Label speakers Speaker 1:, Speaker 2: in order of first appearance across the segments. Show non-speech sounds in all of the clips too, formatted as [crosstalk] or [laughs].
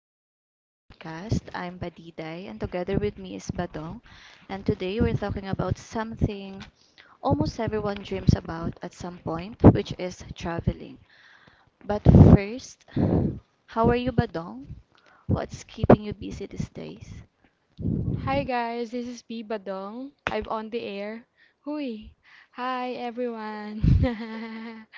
Speaker 1: welcome back to the podcast. I'm Badiday, and together with me is Badong. And today we're talking about something almost everyone dreams about at some point, which is traveling. But first, how are you, Badong? What's keeping you busy these days?
Speaker 2: Hi guys, this is B Badong. I'm on the air. Hui. Hi everyone. [laughs]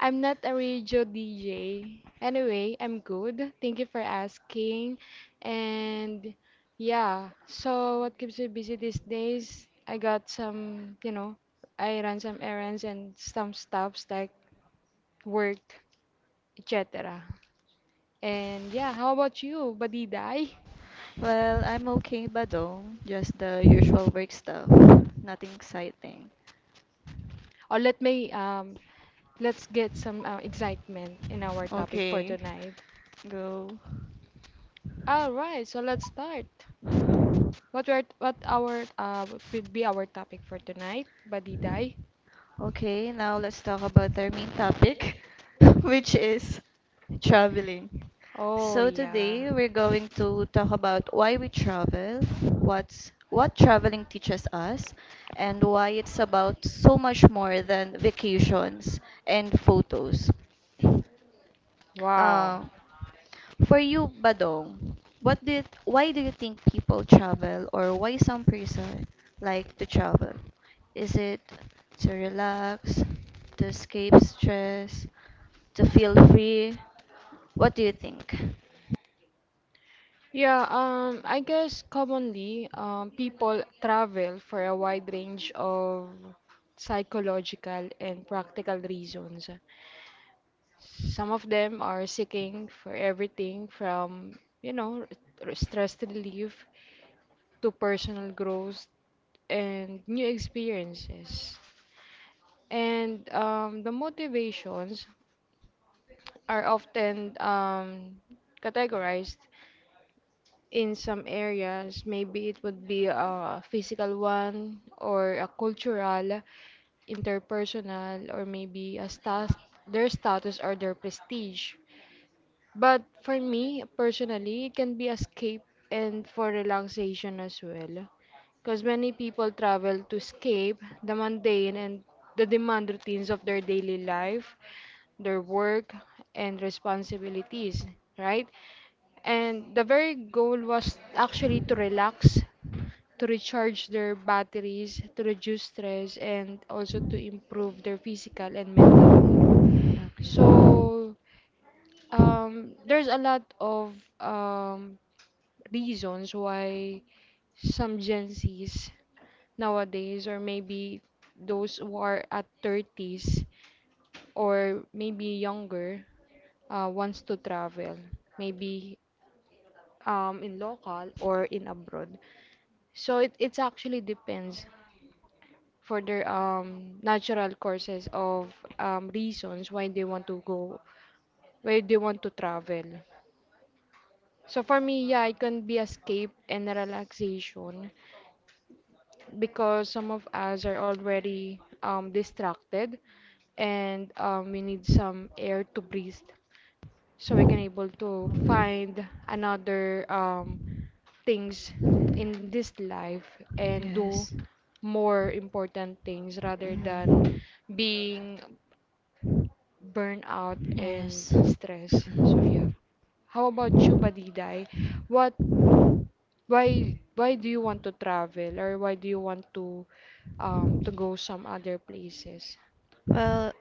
Speaker 2: I'm not a radio DJ. Anyway, I'm good. Thank you for asking. And yeah, so what keeps me busy these days? I got some, I ran some errands and some stuffs like work, etc. And yeah, how about you, Badidai?
Speaker 1: Well, I'm okay, Badong. Just the usual work stuff. Nothing exciting.
Speaker 2: Or let me Let's get some excitement in our topic for
Speaker 1: Okay,
Speaker 2: tonight.
Speaker 1: go.
Speaker 2: All right, so let's start. What our what will be our topic for tonight, Badiday?
Speaker 1: Okay, now let's talk about our main topic, [laughs] which is traveling.
Speaker 2: Oh
Speaker 1: So
Speaker 2: yeah.
Speaker 1: today we're going to talk about why we travel, what traveling teaches us, and why it's about so much more than vacations and photos.
Speaker 2: Wow.
Speaker 1: Uh, for you, Badong, why do you think people travel or why some person like to travel? Is it to relax, to escape stress, to feel free? What do you think?
Speaker 2: Yeah, I guess commonly, people travel for a wide range of psychological and practical reasons. Some of them are seeking for everything from, you know, stress relief to personal growth and new experiences. And The motivations are often categorized in some areas. Maybe it would be a physical one, or a cultural, interpersonal, or maybe a stas their status or their prestige. But for me personally, it can be escape and for relaxation as well, because many people travel to escape the mundane and the demand routines of their daily life, their work, and responsibilities, right? And the very goal was actually to relax, to recharge their batteries, to reduce stress, and also to improve their physical and mental health. So, there's a lot of um, reasons why some Gen Zs nowadays, or maybe those who are at 30s or maybe younger, wants to travel, maybe in local or in abroad. So it's actually depends for their natural courses of reasons why they want to go, why they want to travel. So for me, yeah, it can be escape and relaxation, because some of us are already distracted and we need some air to breathe so we can able to
Speaker 1: Okay.
Speaker 2: find another things in this life and do
Speaker 1: Yes.
Speaker 2: more important things rather than
Speaker 1: Mm.
Speaker 2: being burned out and
Speaker 1: Yes.
Speaker 2: stressed. So yeah.
Speaker 1: [clears throat]
Speaker 2: How about you, Badidai? What why do you want to travel, or why do you want to go some other places?
Speaker 1: Well,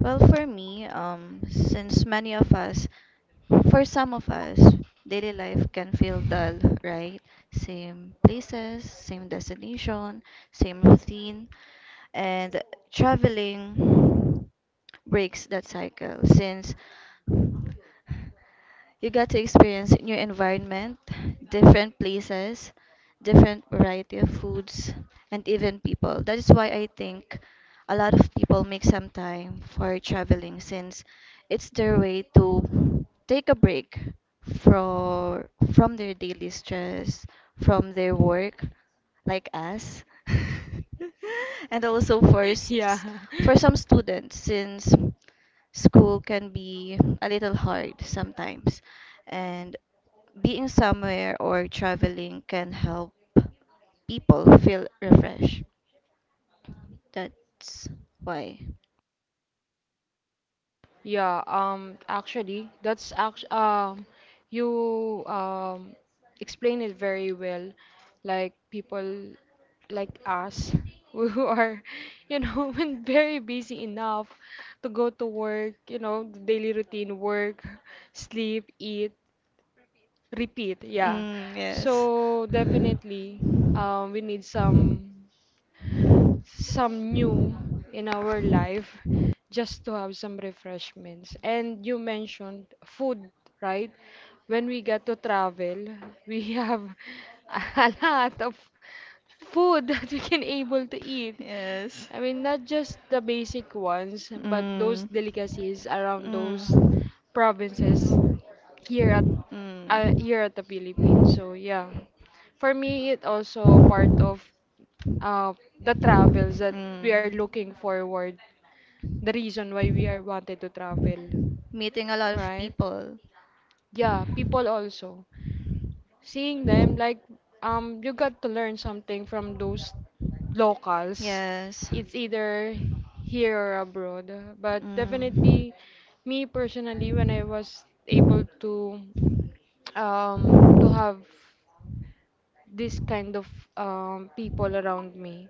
Speaker 1: well, for me, since many of us, for some of us, daily life can feel dull, right? Same places, same destination, same routine, and traveling breaks that cycle since you got to experience new environment, different places, different variety of foods, and even people. That is why I think a lot of people make some time for traveling since it's their way to take a break from from their daily stress, from their work, like us. [laughs] And also
Speaker 2: [laughs] Yeah.
Speaker 1: for some students since school can be a little hard sometimes, and being somewhere or traveling can help people feel refreshed. That's why.
Speaker 2: Yeah, actually, that's act you explain it very well. Like people like us [laughs] who are, you know, [laughs] when very busy enough to go to work, you know, the daily routine, work, sleep, eat, repeat. Yeah.
Speaker 1: Mm, yes.
Speaker 2: So definitely, we need some new in our life just to have some refreshments. And you mentioned food, right? When we get to travel, we have [laughs] a lot of food [laughs] that we can able to eat.
Speaker 1: Yes.
Speaker 2: I mean, not just the basic ones, but those
Speaker 1: Mm,
Speaker 2: delicacies around those
Speaker 1: mm,
Speaker 2: provinces here at
Speaker 1: mm. Mm.
Speaker 2: here at the Philippines. So yeah, for me, it also part of uh, the travels that we are looking forward, the reason why we are wanted to travel,
Speaker 1: Meeting a lot of
Speaker 2: right?
Speaker 1: people.
Speaker 2: Yeah, people also. Seeing them, like, you got to learn something from those locals.
Speaker 1: Yes.
Speaker 2: It's either here or abroad. But
Speaker 1: Mm.
Speaker 2: definitely, me personally, when I was able to have this kind of people around me,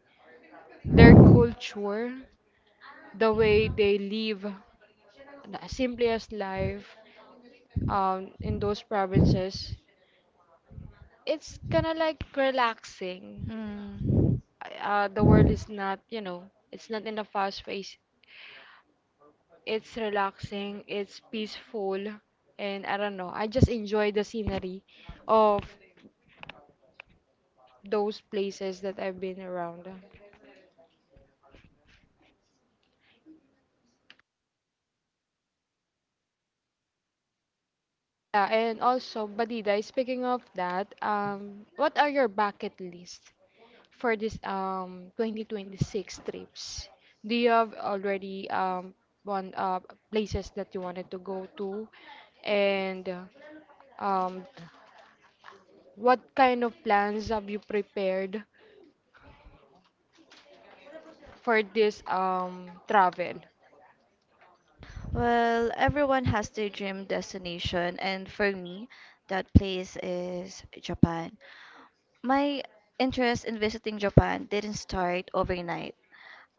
Speaker 2: their culture, the way they live, the simplest life in those provinces, it's kind of like relaxing.
Speaker 1: Hmm.
Speaker 2: The world is not, you know, it's not in a fast pace. It's relaxing, it's peaceful, and I don't know. I just enjoy the scenery of those places that I've been around. Yeah, and also, Badida, speaking of that, what are your bucket list for this 2026 trips? Do you have already one places that you wanted to go to? And um what kind of plans have you prepared for this travel?
Speaker 1: Well, everyone has their dream destination, and for me, that place is Japan. My interest in visiting Japan didn't start overnight.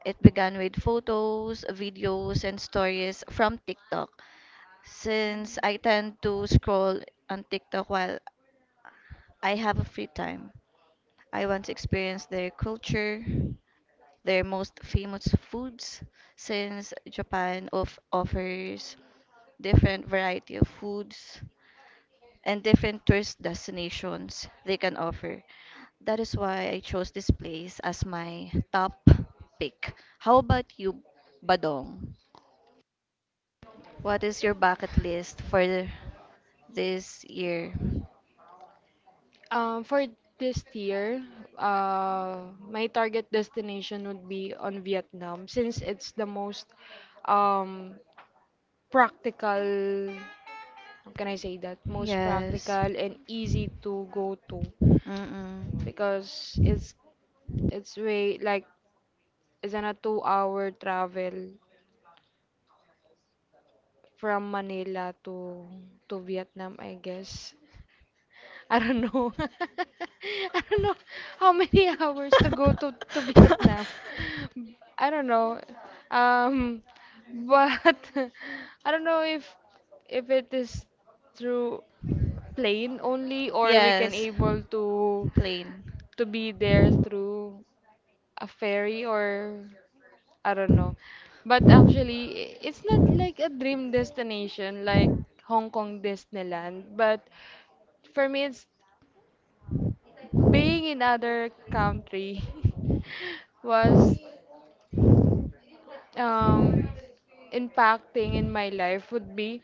Speaker 1: It began with photos, videos, and stories from TikTok. Since I tend to scroll on TikTok while I have a free time, I want to experience their culture, their most famous foods, since Japan of offers different variety of foods and different tourist destinations they can offer. That is why I chose this place as my top pick. How about you, Badong? What is your bucket list for this year?
Speaker 2: For this year, my target destination would be on Vietnam, since it's the most um, practical. How can I say that? Most
Speaker 1: Yes.
Speaker 2: practical and easy to go to,
Speaker 1: Mm-mm.
Speaker 2: because it's way like it's an a 2 hour travel from Manila to Vietnam, I guess. [laughs] I don't know. [laughs] I don't know how many [laughs] hours to go to Vietnam.
Speaker 1: [laughs]
Speaker 2: I don't know, um but [laughs] I don't know if it is through plane only, or we can
Speaker 1: Yes.
Speaker 2: able
Speaker 1: Plain.
Speaker 2: to be there through a ferry or I don't know. But actually, it's not like a dream destination like Hong Kong Disneyland. But for me, it's being in other country. [laughs] Was um, impacting in my life would be—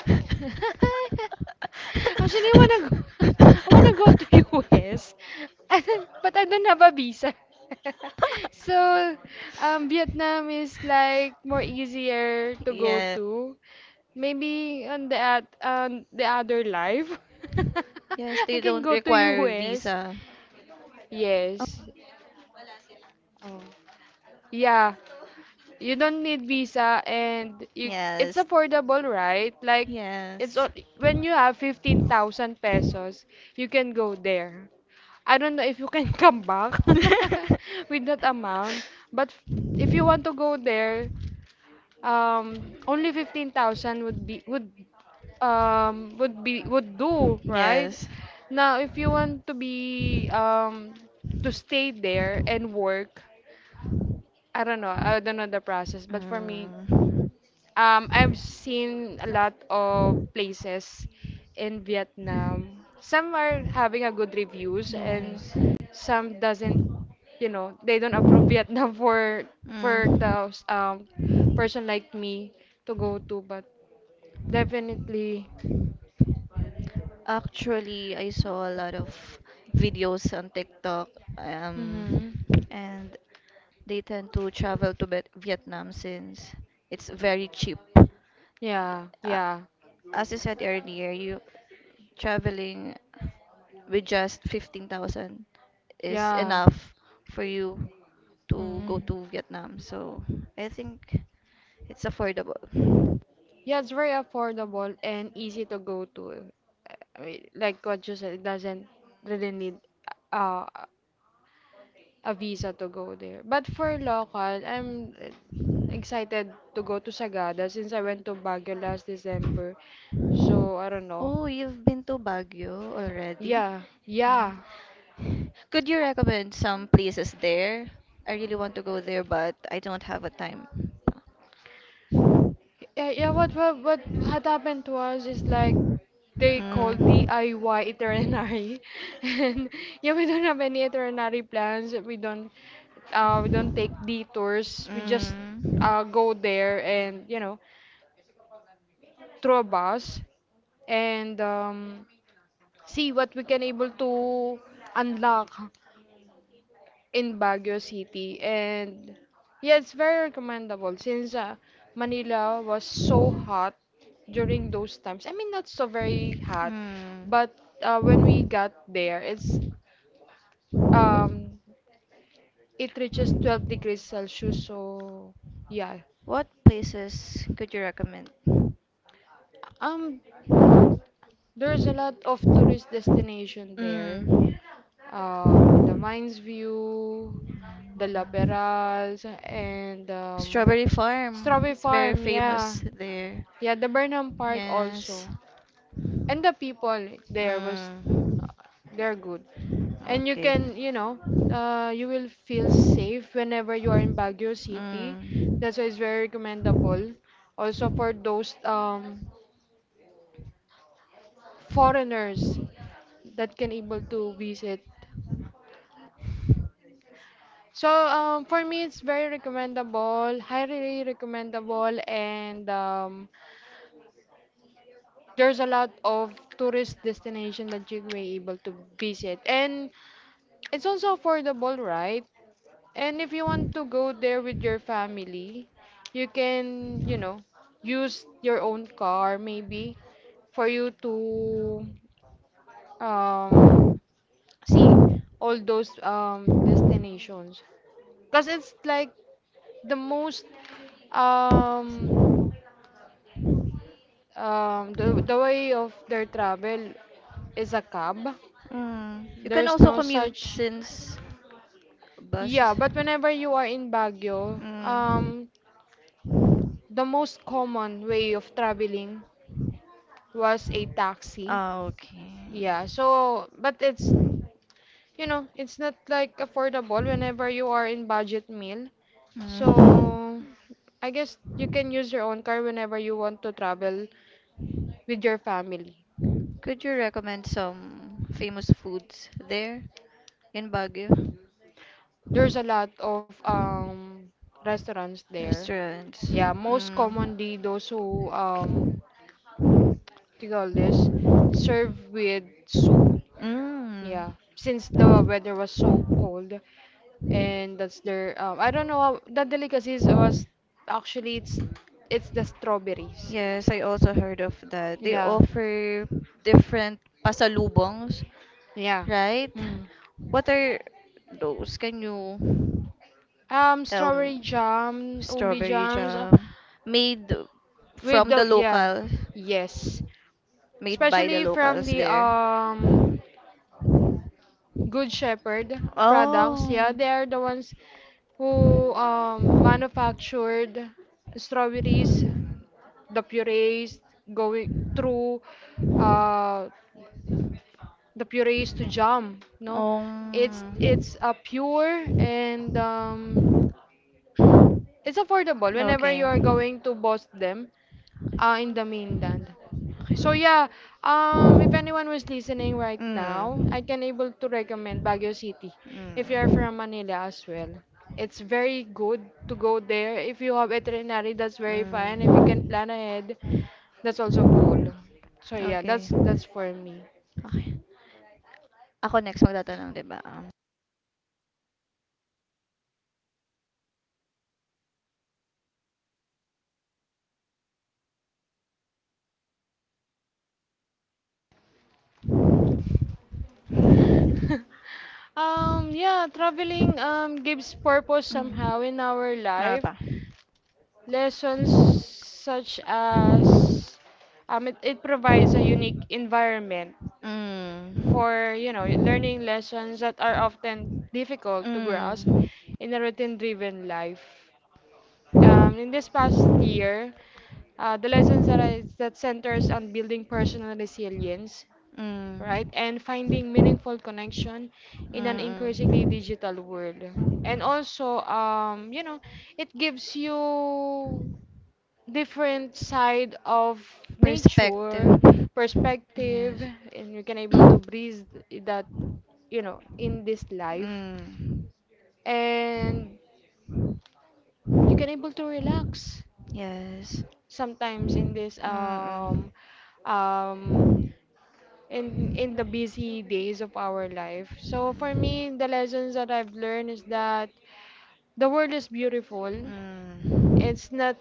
Speaker 2: [laughs] Actually, I wanna go. [laughs] I wanna go to US. [laughs] And then, but I don't have a visa. [laughs] So, Vietnam is like more easier to go
Speaker 1: Yes.
Speaker 2: to. Maybe on the other life,
Speaker 1: Yes,
Speaker 2: [laughs] I
Speaker 1: they
Speaker 2: can
Speaker 1: don't
Speaker 2: go to
Speaker 1: require
Speaker 2: US.
Speaker 1: visa.
Speaker 2: Yes. Oh. Yeah. You don't need visa, and you it's
Speaker 1: Yes.
Speaker 2: affordable, right? Like
Speaker 1: Yes.
Speaker 2: when you have 15,000 pesos, you can go there. I don't know if you can [laughs] come back
Speaker 1: [laughs]
Speaker 2: [laughs] with that amount, but f- if you want to go there, um only 15,000 would be would do, right?
Speaker 1: Yes.
Speaker 2: Now, if you want to be to stay there and work, I don't know the process, but for me I've seen a lot of places in Vietnam. Some are having a good reviews and some doesn't, you know, they don't approve Vietnam [laughs] for
Speaker 1: Mm.
Speaker 2: the person like
Speaker 1: Yes.
Speaker 2: me to
Speaker 1: Mm.
Speaker 2: go to, but definitely—
Speaker 1: Actually, I saw a lot of videos on TikTok, um,
Speaker 2: hmm.
Speaker 1: and they tend to travel to Vietnam since it's very cheap.
Speaker 2: Yeah,
Speaker 1: A-
Speaker 2: yeah.
Speaker 1: As I said earlier, you traveling with just 15,000 is
Speaker 2: Yeah.
Speaker 1: enough for you to
Speaker 2: Hmm.
Speaker 1: go to Vietnam. So I think it's affordable.
Speaker 2: Yeah, it's very affordable and easy to go to. I mean, like what you said, it doesn't really need uh a visa to go there. But for local, I'm excited to go to Sagada, since I went to Baguio last December. So I don't know.
Speaker 1: Oh, you've been to Baguio already?
Speaker 2: Yeah,
Speaker 1: Yeah.
Speaker 2: yeah,
Speaker 1: Could you recommend some places there? I really want to go there, but I don't have a time.
Speaker 2: yeah. Yeah, what
Speaker 1: Mm.
Speaker 2: what what had happened to us is like they call
Speaker 1: Mm.
Speaker 2: DIY itinerary, [laughs] and yeah, we don't have any itinerary plans. We don't take detours. We just
Speaker 1: Mm.
Speaker 2: go there, and you know, through a bus and see what we can able to unlock in Baguio City. And yeah, it's very recommendable, since Manila was so hot during those times. I mean, not so very hot, but when we got there, it's um it reaches 12 degrees Celsius. So yeah,
Speaker 1: What places could you recommend?
Speaker 2: um, there's a lot of tourist destination there.
Speaker 1: Mm.
Speaker 2: The Mines View, the La Peraz, and
Speaker 1: Strawberry Farm
Speaker 2: Strawberry
Speaker 1: is very
Speaker 2: Farm,
Speaker 1: famous
Speaker 2: yeah.
Speaker 1: there.
Speaker 2: Yeah, the Burnham Park
Speaker 1: Yes.
Speaker 2: also. And the people there was uh,
Speaker 1: Mm.
Speaker 2: they're good. And you
Speaker 1: Okay.
Speaker 2: can, you know, you will feel safe whenever you are in Baguio City.
Speaker 1: Mm.
Speaker 2: That's why it's very recommendable. Also for those foreigners that can able to visit. So for me, it's very recommendable, highly recommendable, and there's a lot of tourist destination that you may able to visit, and it's also affordable, right? And if you want to go there with your family, you can, you know, use your own car maybe for you to um see all those destinations, because it's like the most um the way of their travel is a cab.
Speaker 1: Mm. You can
Speaker 2: There's
Speaker 1: also
Speaker 2: no
Speaker 1: commute
Speaker 2: such.
Speaker 1: since bus is.
Speaker 2: Yeah, but whenever you are in Baguio,
Speaker 1: Mm.
Speaker 2: the most common way of traveling was a taxi.
Speaker 1: Ah, okay.
Speaker 2: Yeah, so, but it's, you know, it's not like affordable whenever you are in budget meal.
Speaker 1: Mm.
Speaker 2: So, I guess you can use your own car whenever you want to travel with your family.
Speaker 1: Could you recommend some famous foods there in Baguio?
Speaker 2: There's a lot of restaurants there.
Speaker 1: Restaurants.
Speaker 2: Yeah, most
Speaker 1: Mm.
Speaker 2: commonly those who do you call this, served with soup.
Speaker 1: Mm.
Speaker 2: Yeah, since the weather was so cold, and that's their I don't know how that delicacies was. Actually it's the strawberries.
Speaker 1: Yes, I also heard of that. They
Speaker 2: Yeah,
Speaker 1: offer different pasalubongs,
Speaker 2: yeah.
Speaker 1: right?
Speaker 2: Mm.
Speaker 1: What are those? Can you tell
Speaker 2: Strawberry
Speaker 1: me?
Speaker 2: jam, ubi
Speaker 1: Strawberry
Speaker 2: jams,
Speaker 1: jam made
Speaker 2: with
Speaker 1: from
Speaker 2: the
Speaker 1: the
Speaker 2: yeah,
Speaker 1: local.
Speaker 2: yes,
Speaker 1: Made by the
Speaker 2: especially from
Speaker 1: locals
Speaker 2: the
Speaker 1: there.
Speaker 2: um. Good Shepherd products.
Speaker 1: Oh.
Speaker 2: Yeah, they are the ones who manufactured strawberries, the purees going through uh, the purees to jam. No,
Speaker 1: Um.
Speaker 2: it's a pure, and it's affordable. Whenever
Speaker 1: Okay.
Speaker 2: you are
Speaker 1: Mm.
Speaker 2: going to boss them, in the mainland. So yeah, if anyone was listening right now,
Speaker 1: Mm.
Speaker 2: I can able to recommend Baguio City if you're from Manila as well. It's very good to go there. If you have itinerary, that's very fine. If you can
Speaker 1: Mm.
Speaker 2: plan ahead, that's also cool. So yeah,
Speaker 1: Okay.
Speaker 2: that's for me.
Speaker 1: Okay. Ako next magtatanong, di ba?
Speaker 2: [laughs] Yeah, traveling gives purpose
Speaker 1: Mm.
Speaker 2: somehow in our
Speaker 1: Ano
Speaker 2: life.
Speaker 1: pa?
Speaker 2: Lessons such as it provides a unique environment
Speaker 1: Mm.
Speaker 2: for, you know, learning lessons that are often difficult to grasp
Speaker 1: Mm.
Speaker 2: in a routine-driven life. In this past year, the lessons that that centers on building personal resilience, right, and finding meaningful connection in an
Speaker 1: Mm.
Speaker 2: increasingly
Speaker 1: Mm.
Speaker 2: digital world. And also, it gives you different side of nature
Speaker 1: Perspective.
Speaker 2: perspective,
Speaker 1: Yes.
Speaker 2: and you can able to breathe that, you know, in this life,
Speaker 1: Mm.
Speaker 2: and you can able to relax
Speaker 1: Yes.
Speaker 2: sometimes in
Speaker 1: Mm-mm.
Speaker 2: this
Speaker 1: Mm.
Speaker 2: um in the busy days of our life. So for me, the lessons that I've learned is that the world is beautiful.
Speaker 1: Mm.
Speaker 2: It's not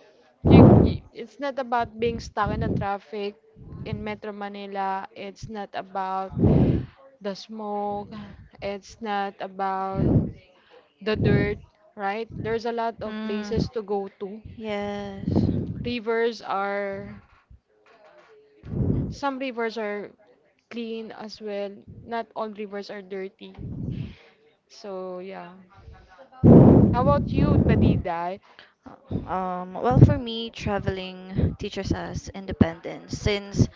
Speaker 2: it's not about being stuck in the traffic in Metro Manila. It's not about the smoke. It's not about the dirt, right? There's a lot of places to go to.
Speaker 1: Yes.
Speaker 2: Rivers are some rivers are clean as well. Not all rivers are dirty. So yeah. How about you, Badidai?
Speaker 1: Well, for me, traveling teaches us independence since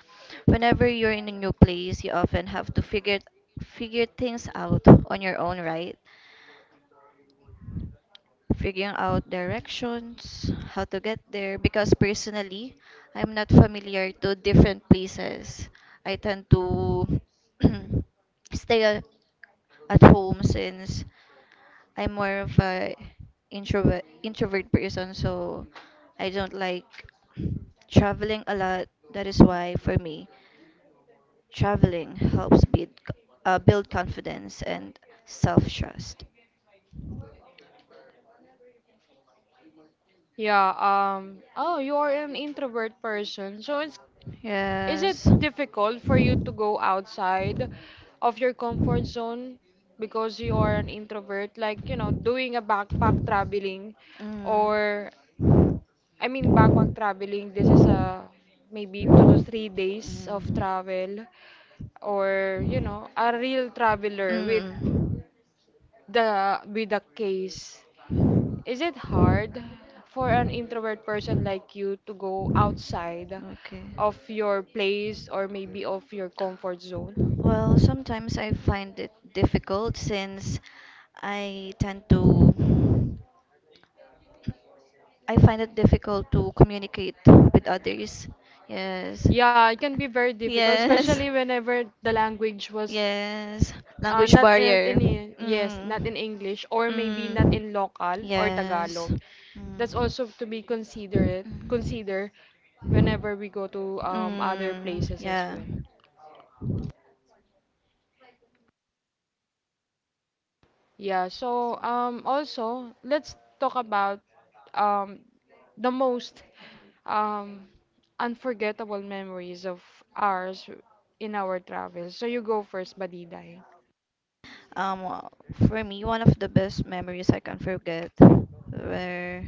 Speaker 1: whenever you're in a new place, you often have to figure things out on your own, right? Figuring out directions, how to get there, because personally, I'm not familiar to different places. I tend to [clears throat] stay a- at home since I'm more of a introvert person, so I don't like traveling a lot. That is why for me, traveling helps build confidence and self trust.
Speaker 2: Yeah, oh, you are an introvert person, so it's, is it
Speaker 1: Yes.
Speaker 2: difficult for you to go outside
Speaker 1: Mm.
Speaker 2: of your comfort zone because you are an introvert? Like, you know, doing a backpack traveling
Speaker 1: Mm.
Speaker 2: or, I mean, backpack traveling, this is a maybe two to
Speaker 1: Mm.
Speaker 2: three days of travel or, you know, a real traveler with the with a case. Is it hard for an introvert person like you to go outside
Speaker 1: Okay.
Speaker 2: of your place or maybe of your comfort zone?
Speaker 1: Well, sometimes I find it difficult since I tend to I find it difficult to communicate with others. Yes.
Speaker 2: Yeah, it can be very difficult,
Speaker 1: Yes.
Speaker 2: especially whenever the language was
Speaker 1: Yes. Language
Speaker 2: not in,
Speaker 1: barrier.
Speaker 2: in in- yes, not
Speaker 1: Mm.
Speaker 2: in English or maybe not
Speaker 1: Mm.
Speaker 2: in local or
Speaker 1: Yes.
Speaker 2: Tagalog. That's
Speaker 1: Mm.
Speaker 2: also to be consider whenever we go to other
Speaker 1: Mm.
Speaker 2: places as
Speaker 1: Yeah.
Speaker 2: well. Yeah, so also let's talk about um the most um unforgettable memories of ours in our travels. So you go first, Badiday.
Speaker 1: Um, uh, for me, one of the best memories I can forget were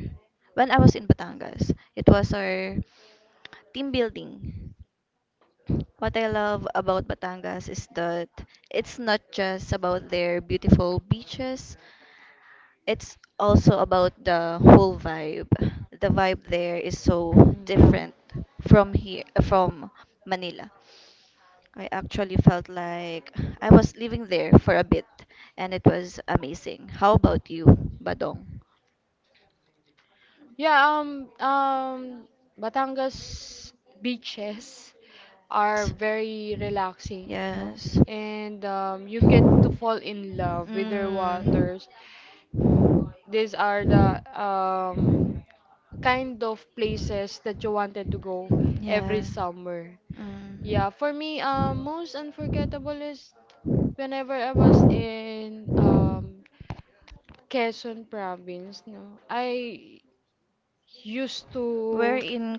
Speaker 1: when I was in Batangas. It was our team building. What I love about Batangas is that it's not just about their beautiful beaches, it's also about the whole vibe. The vibe there is so
Speaker 2: Mm, yeah.
Speaker 1: different from here from Manila. I actually felt like I was living there for a bit and it was amazing. How about you, Badong?
Speaker 2: Yeah, um, um, Batangas beaches are very relaxing, no?
Speaker 1: Yes.
Speaker 2: And you get to fall in love with their
Speaker 1: Mm.
Speaker 2: waters. These are the kind of places that you wanted to go
Speaker 1: Yeah.
Speaker 2: every summer.
Speaker 1: Mm.
Speaker 2: Yeah, for me, most unforgettable is whenever I was in Quezon province, no? I used to,
Speaker 1: We're in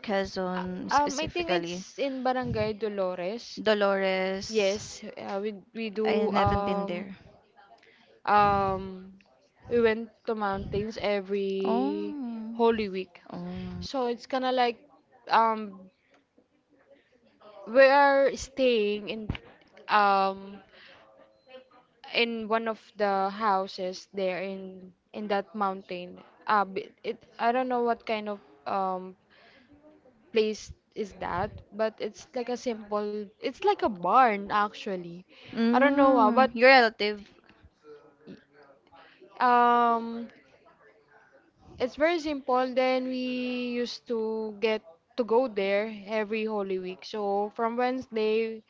Speaker 1: Quezon
Speaker 2: I think
Speaker 1: specifically.
Speaker 2: it's in Barangay Dolores.
Speaker 1: Dolores,
Speaker 2: Yes, we we
Speaker 1: I
Speaker 2: do
Speaker 1: haven't been
Speaker 2: um
Speaker 1: there.
Speaker 2: um we went to mountains every
Speaker 1: Oh.
Speaker 2: Holy Week.
Speaker 1: Oh.
Speaker 2: So it's kind of like um we are staying um in one of the houses there in that mountain. It, I don't know what kind of place is that, but it's like a simple, it's like a barn actually. I don't know, ah, but
Speaker 1: Mm, your relative.
Speaker 2: um, it's very simple. Then we used to get to go there every Holy Week. So from Wednesday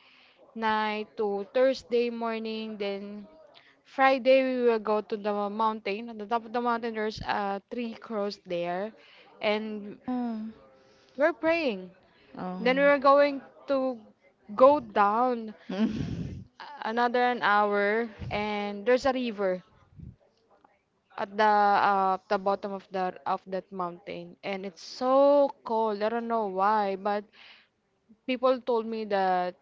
Speaker 2: night to Thursday morning, then Friday we will go to the mountain. At the top of the mountain, there's a tree cross there, and
Speaker 1: Oh.
Speaker 2: we're praying.
Speaker 1: Oh.
Speaker 2: Then we were going to go down
Speaker 1: [laughs]
Speaker 2: another an hour, and there's a river at the bottom of that mountain, and it's so cold, I don't know why, but people told me that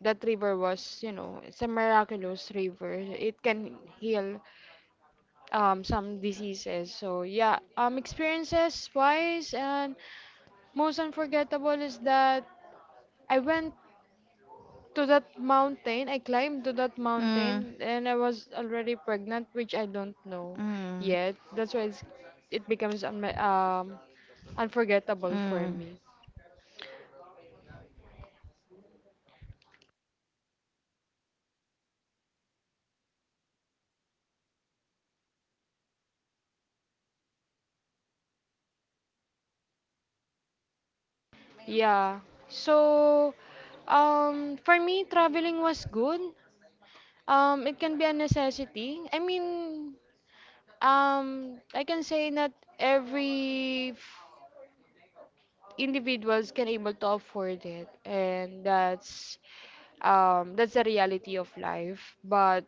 Speaker 2: that river was, you know, it's a miraculous river, it can heal some diseases. So yeah, experiences wise, and most unforgettable is that I went to that mountain. I climbed to that
Speaker 1: Mm.
Speaker 2: mountain and I was already pregnant, which I don't know
Speaker 1: Mm.
Speaker 2: yet. That's why it becomes un unforgettable for
Speaker 1: Mm.
Speaker 2: me. Yeah. So, for me, traveling was good. It can be a necessity. I mean, I can say not every individuals can able to afford it, and that's the reality of life. But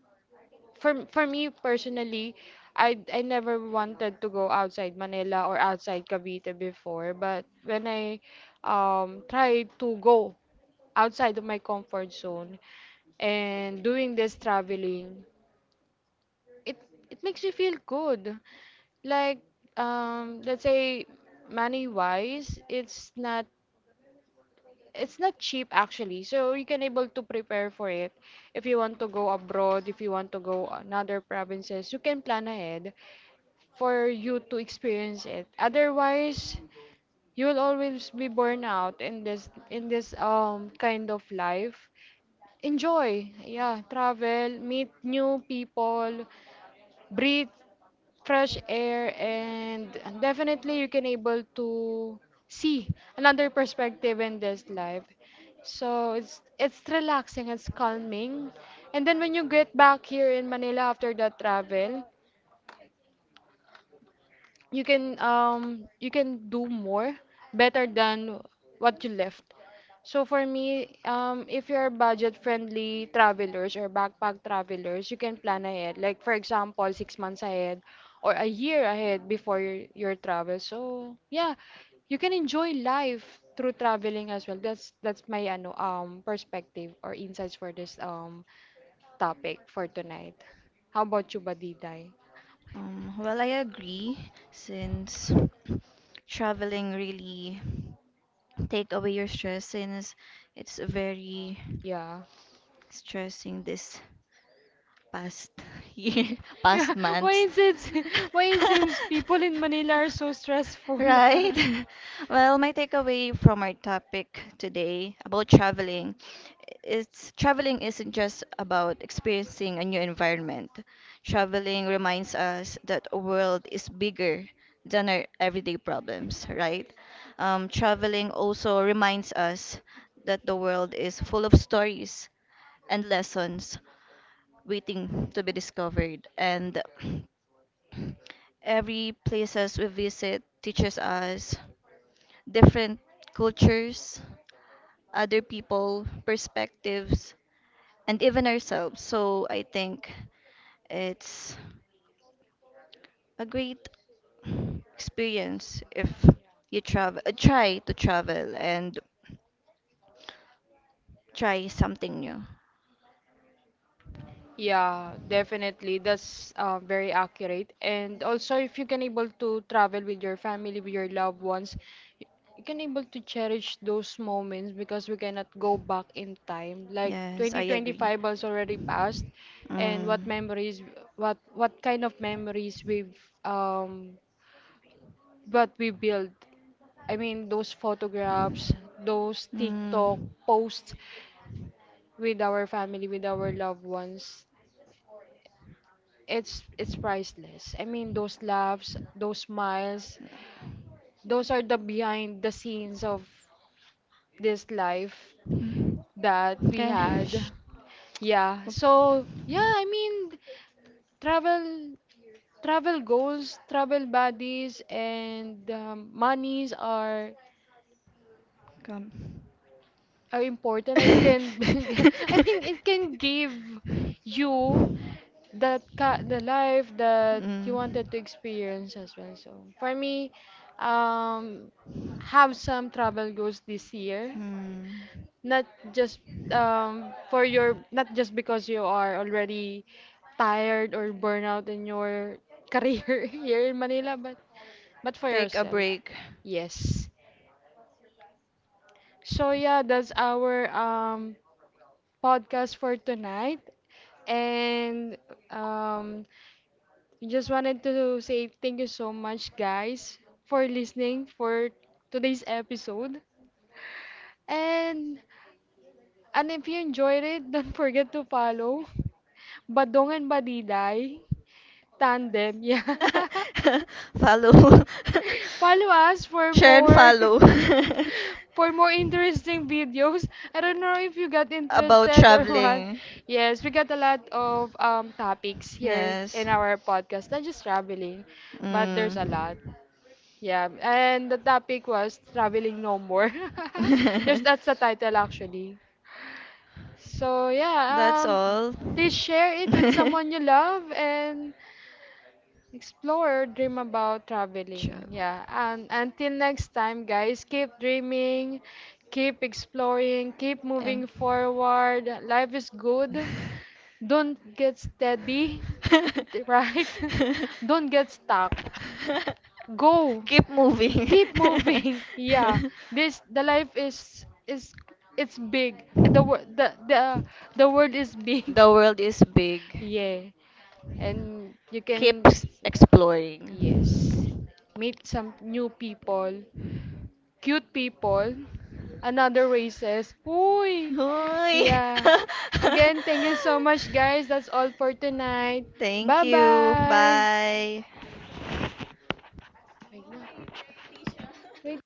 Speaker 2: for me personally, I never wanted to go outside Manila or outside Cavite before. But when I tried to go outside of my comfort zone and doing this traveling, it it makes me feel good. Like, let's say money wise, it's not, it's not cheap actually, so you can able to prepare for it. If you want to go abroad, if you want to go another provinces, you can plan ahead for you to experience it. Otherwise, you will always be burned out in this kind of life. Enjoy, yeah, travel, meet new people, breathe fresh air, and definitely you can able to see another perspective in this life. So it's relaxing, it's calming, and then when you get back here in Manila after that travel, you can do more better than what you left. So for me, if you're budget-friendly travelers or backpack travelers, you can plan ahead. Like for example, 6 months ahead or a year ahead before your travel. So yeah, you can enjoy life through traveling as well. That's my ano perspective or insights for this topic for tonight. How about you, Badiday?
Speaker 1: Well, I agree since traveling really take away your stress since it's very
Speaker 2: Yeah.
Speaker 1: stressing this past [laughs] year, past
Speaker 2: Yeah, [laughs] why
Speaker 1: months.
Speaker 2: is it?
Speaker 1: [laughs]
Speaker 2: [laughs] Why is it seems people in Manila are so stressful?
Speaker 1: Right?
Speaker 2: [laughs]
Speaker 1: [laughs] Well, my takeaway from our topic today about traveling is traveling isn't just about experiencing a new environment. Traveling reminds us that the world is bigger than our everyday problems, right? Traveling also reminds us that the world is full of stories and lessons waiting to be discovered. And every places we visit teaches us different cultures, other people, perspectives, and even ourselves. So I think it's a great experience if you try to travel and try something new.
Speaker 2: Yeah, definitely. That's very accurate. And also, if you can able to travel with your family, with your loved ones, y- you can able to cherish those moments because we cannot go back in time. Like
Speaker 1: Yes, I agree.
Speaker 2: 2025 has already passed, and what
Speaker 1: Mm.
Speaker 2: memories, what kind of memories we've um but we build. I mean, those photographs, those TikTok
Speaker 1: Mm.
Speaker 2: posts with our family, with our loved ones. It's priceless. I mean, those laughs, those smiles, those are the behind the scenes of this life
Speaker 1: Mm.
Speaker 2: that we
Speaker 1: Okay.
Speaker 2: had.
Speaker 1: Shh.
Speaker 2: Yeah.
Speaker 1: Oop.
Speaker 2: So, yeah, I mean, travel travel goals, travel buddies, and monies
Speaker 1: Come.
Speaker 2: are important and can [laughs]
Speaker 1: [laughs]
Speaker 2: I mean, it can give you the life that you wanted to experience as well. So for me, um, have some travel goals this year,
Speaker 1: Mm. Mm.
Speaker 2: not just for your not just because you are already tired or burnout in your [laughs] career here in Manila, but for
Speaker 1: Take a
Speaker 2: yourself.
Speaker 1: break.
Speaker 2: Yes. So yeah, that's our podcast for tonight. And um, just wanted to say thank you so much, guys, for listening for today's episode. And if you enjoyed it, [laughs] don't forget to follow Badong and Badiday Tandem. Yeah. [laughs]
Speaker 1: [laughs] Follow.
Speaker 2: Follow us
Speaker 1: [laughs]
Speaker 2: for
Speaker 1: Share and
Speaker 2: more. [laughs]
Speaker 1: follow.
Speaker 2: For
Speaker 1: [laughs]
Speaker 2: more interesting videos. I don't know if you got
Speaker 1: About
Speaker 2: interested or [laughs] what.
Speaker 1: traveling.
Speaker 2: Yes, we got a lot of topics here
Speaker 1: Yes.
Speaker 2: in our podcast, not just traveling, but
Speaker 1: Mm.
Speaker 2: there's a lot. Yeah, and the topic was traveling no more. [laughs] There's that's
Speaker 1: [laughs]
Speaker 2: the title actually. So
Speaker 1: That's
Speaker 2: yeah,
Speaker 1: all.
Speaker 2: please share it with
Speaker 1: [laughs]
Speaker 2: someone you love, and explore, dream about traveling.
Speaker 1: Job.
Speaker 2: Yeah. And until next time, guys, keep dreaming, keep exploring, keep
Speaker 1: And
Speaker 2: moving
Speaker 1: [laughs]
Speaker 2: forward. Life is good.
Speaker 1: [laughs]
Speaker 2: Don't get steady,
Speaker 1: don't get
Speaker 2: [laughs] right? [laughs] Don't get
Speaker 1: [laughs]
Speaker 2: stuck.
Speaker 1: stuck.
Speaker 2: Go.
Speaker 1: Keep moving.
Speaker 2: Keep
Speaker 1: [laughs]
Speaker 2: moving. [laughs] Yeah. This the life is, it's big. The the world
Speaker 1: World.
Speaker 2: is big. [laughs]
Speaker 1: Is big.
Speaker 2: Yeah. And you
Speaker 1: Keep
Speaker 2: can,
Speaker 1: exploring.
Speaker 2: yes, meet some new people, cute people,
Speaker 1: Another
Speaker 2: another races. Uy!
Speaker 1: [laughs]
Speaker 2: Yeah.
Speaker 1: thank
Speaker 2: Again, thank you so much,
Speaker 1: you
Speaker 2: guys.
Speaker 1: so
Speaker 2: That's all for tonight. Bye-bye.
Speaker 1: bye.
Speaker 2: Wait lang. Wait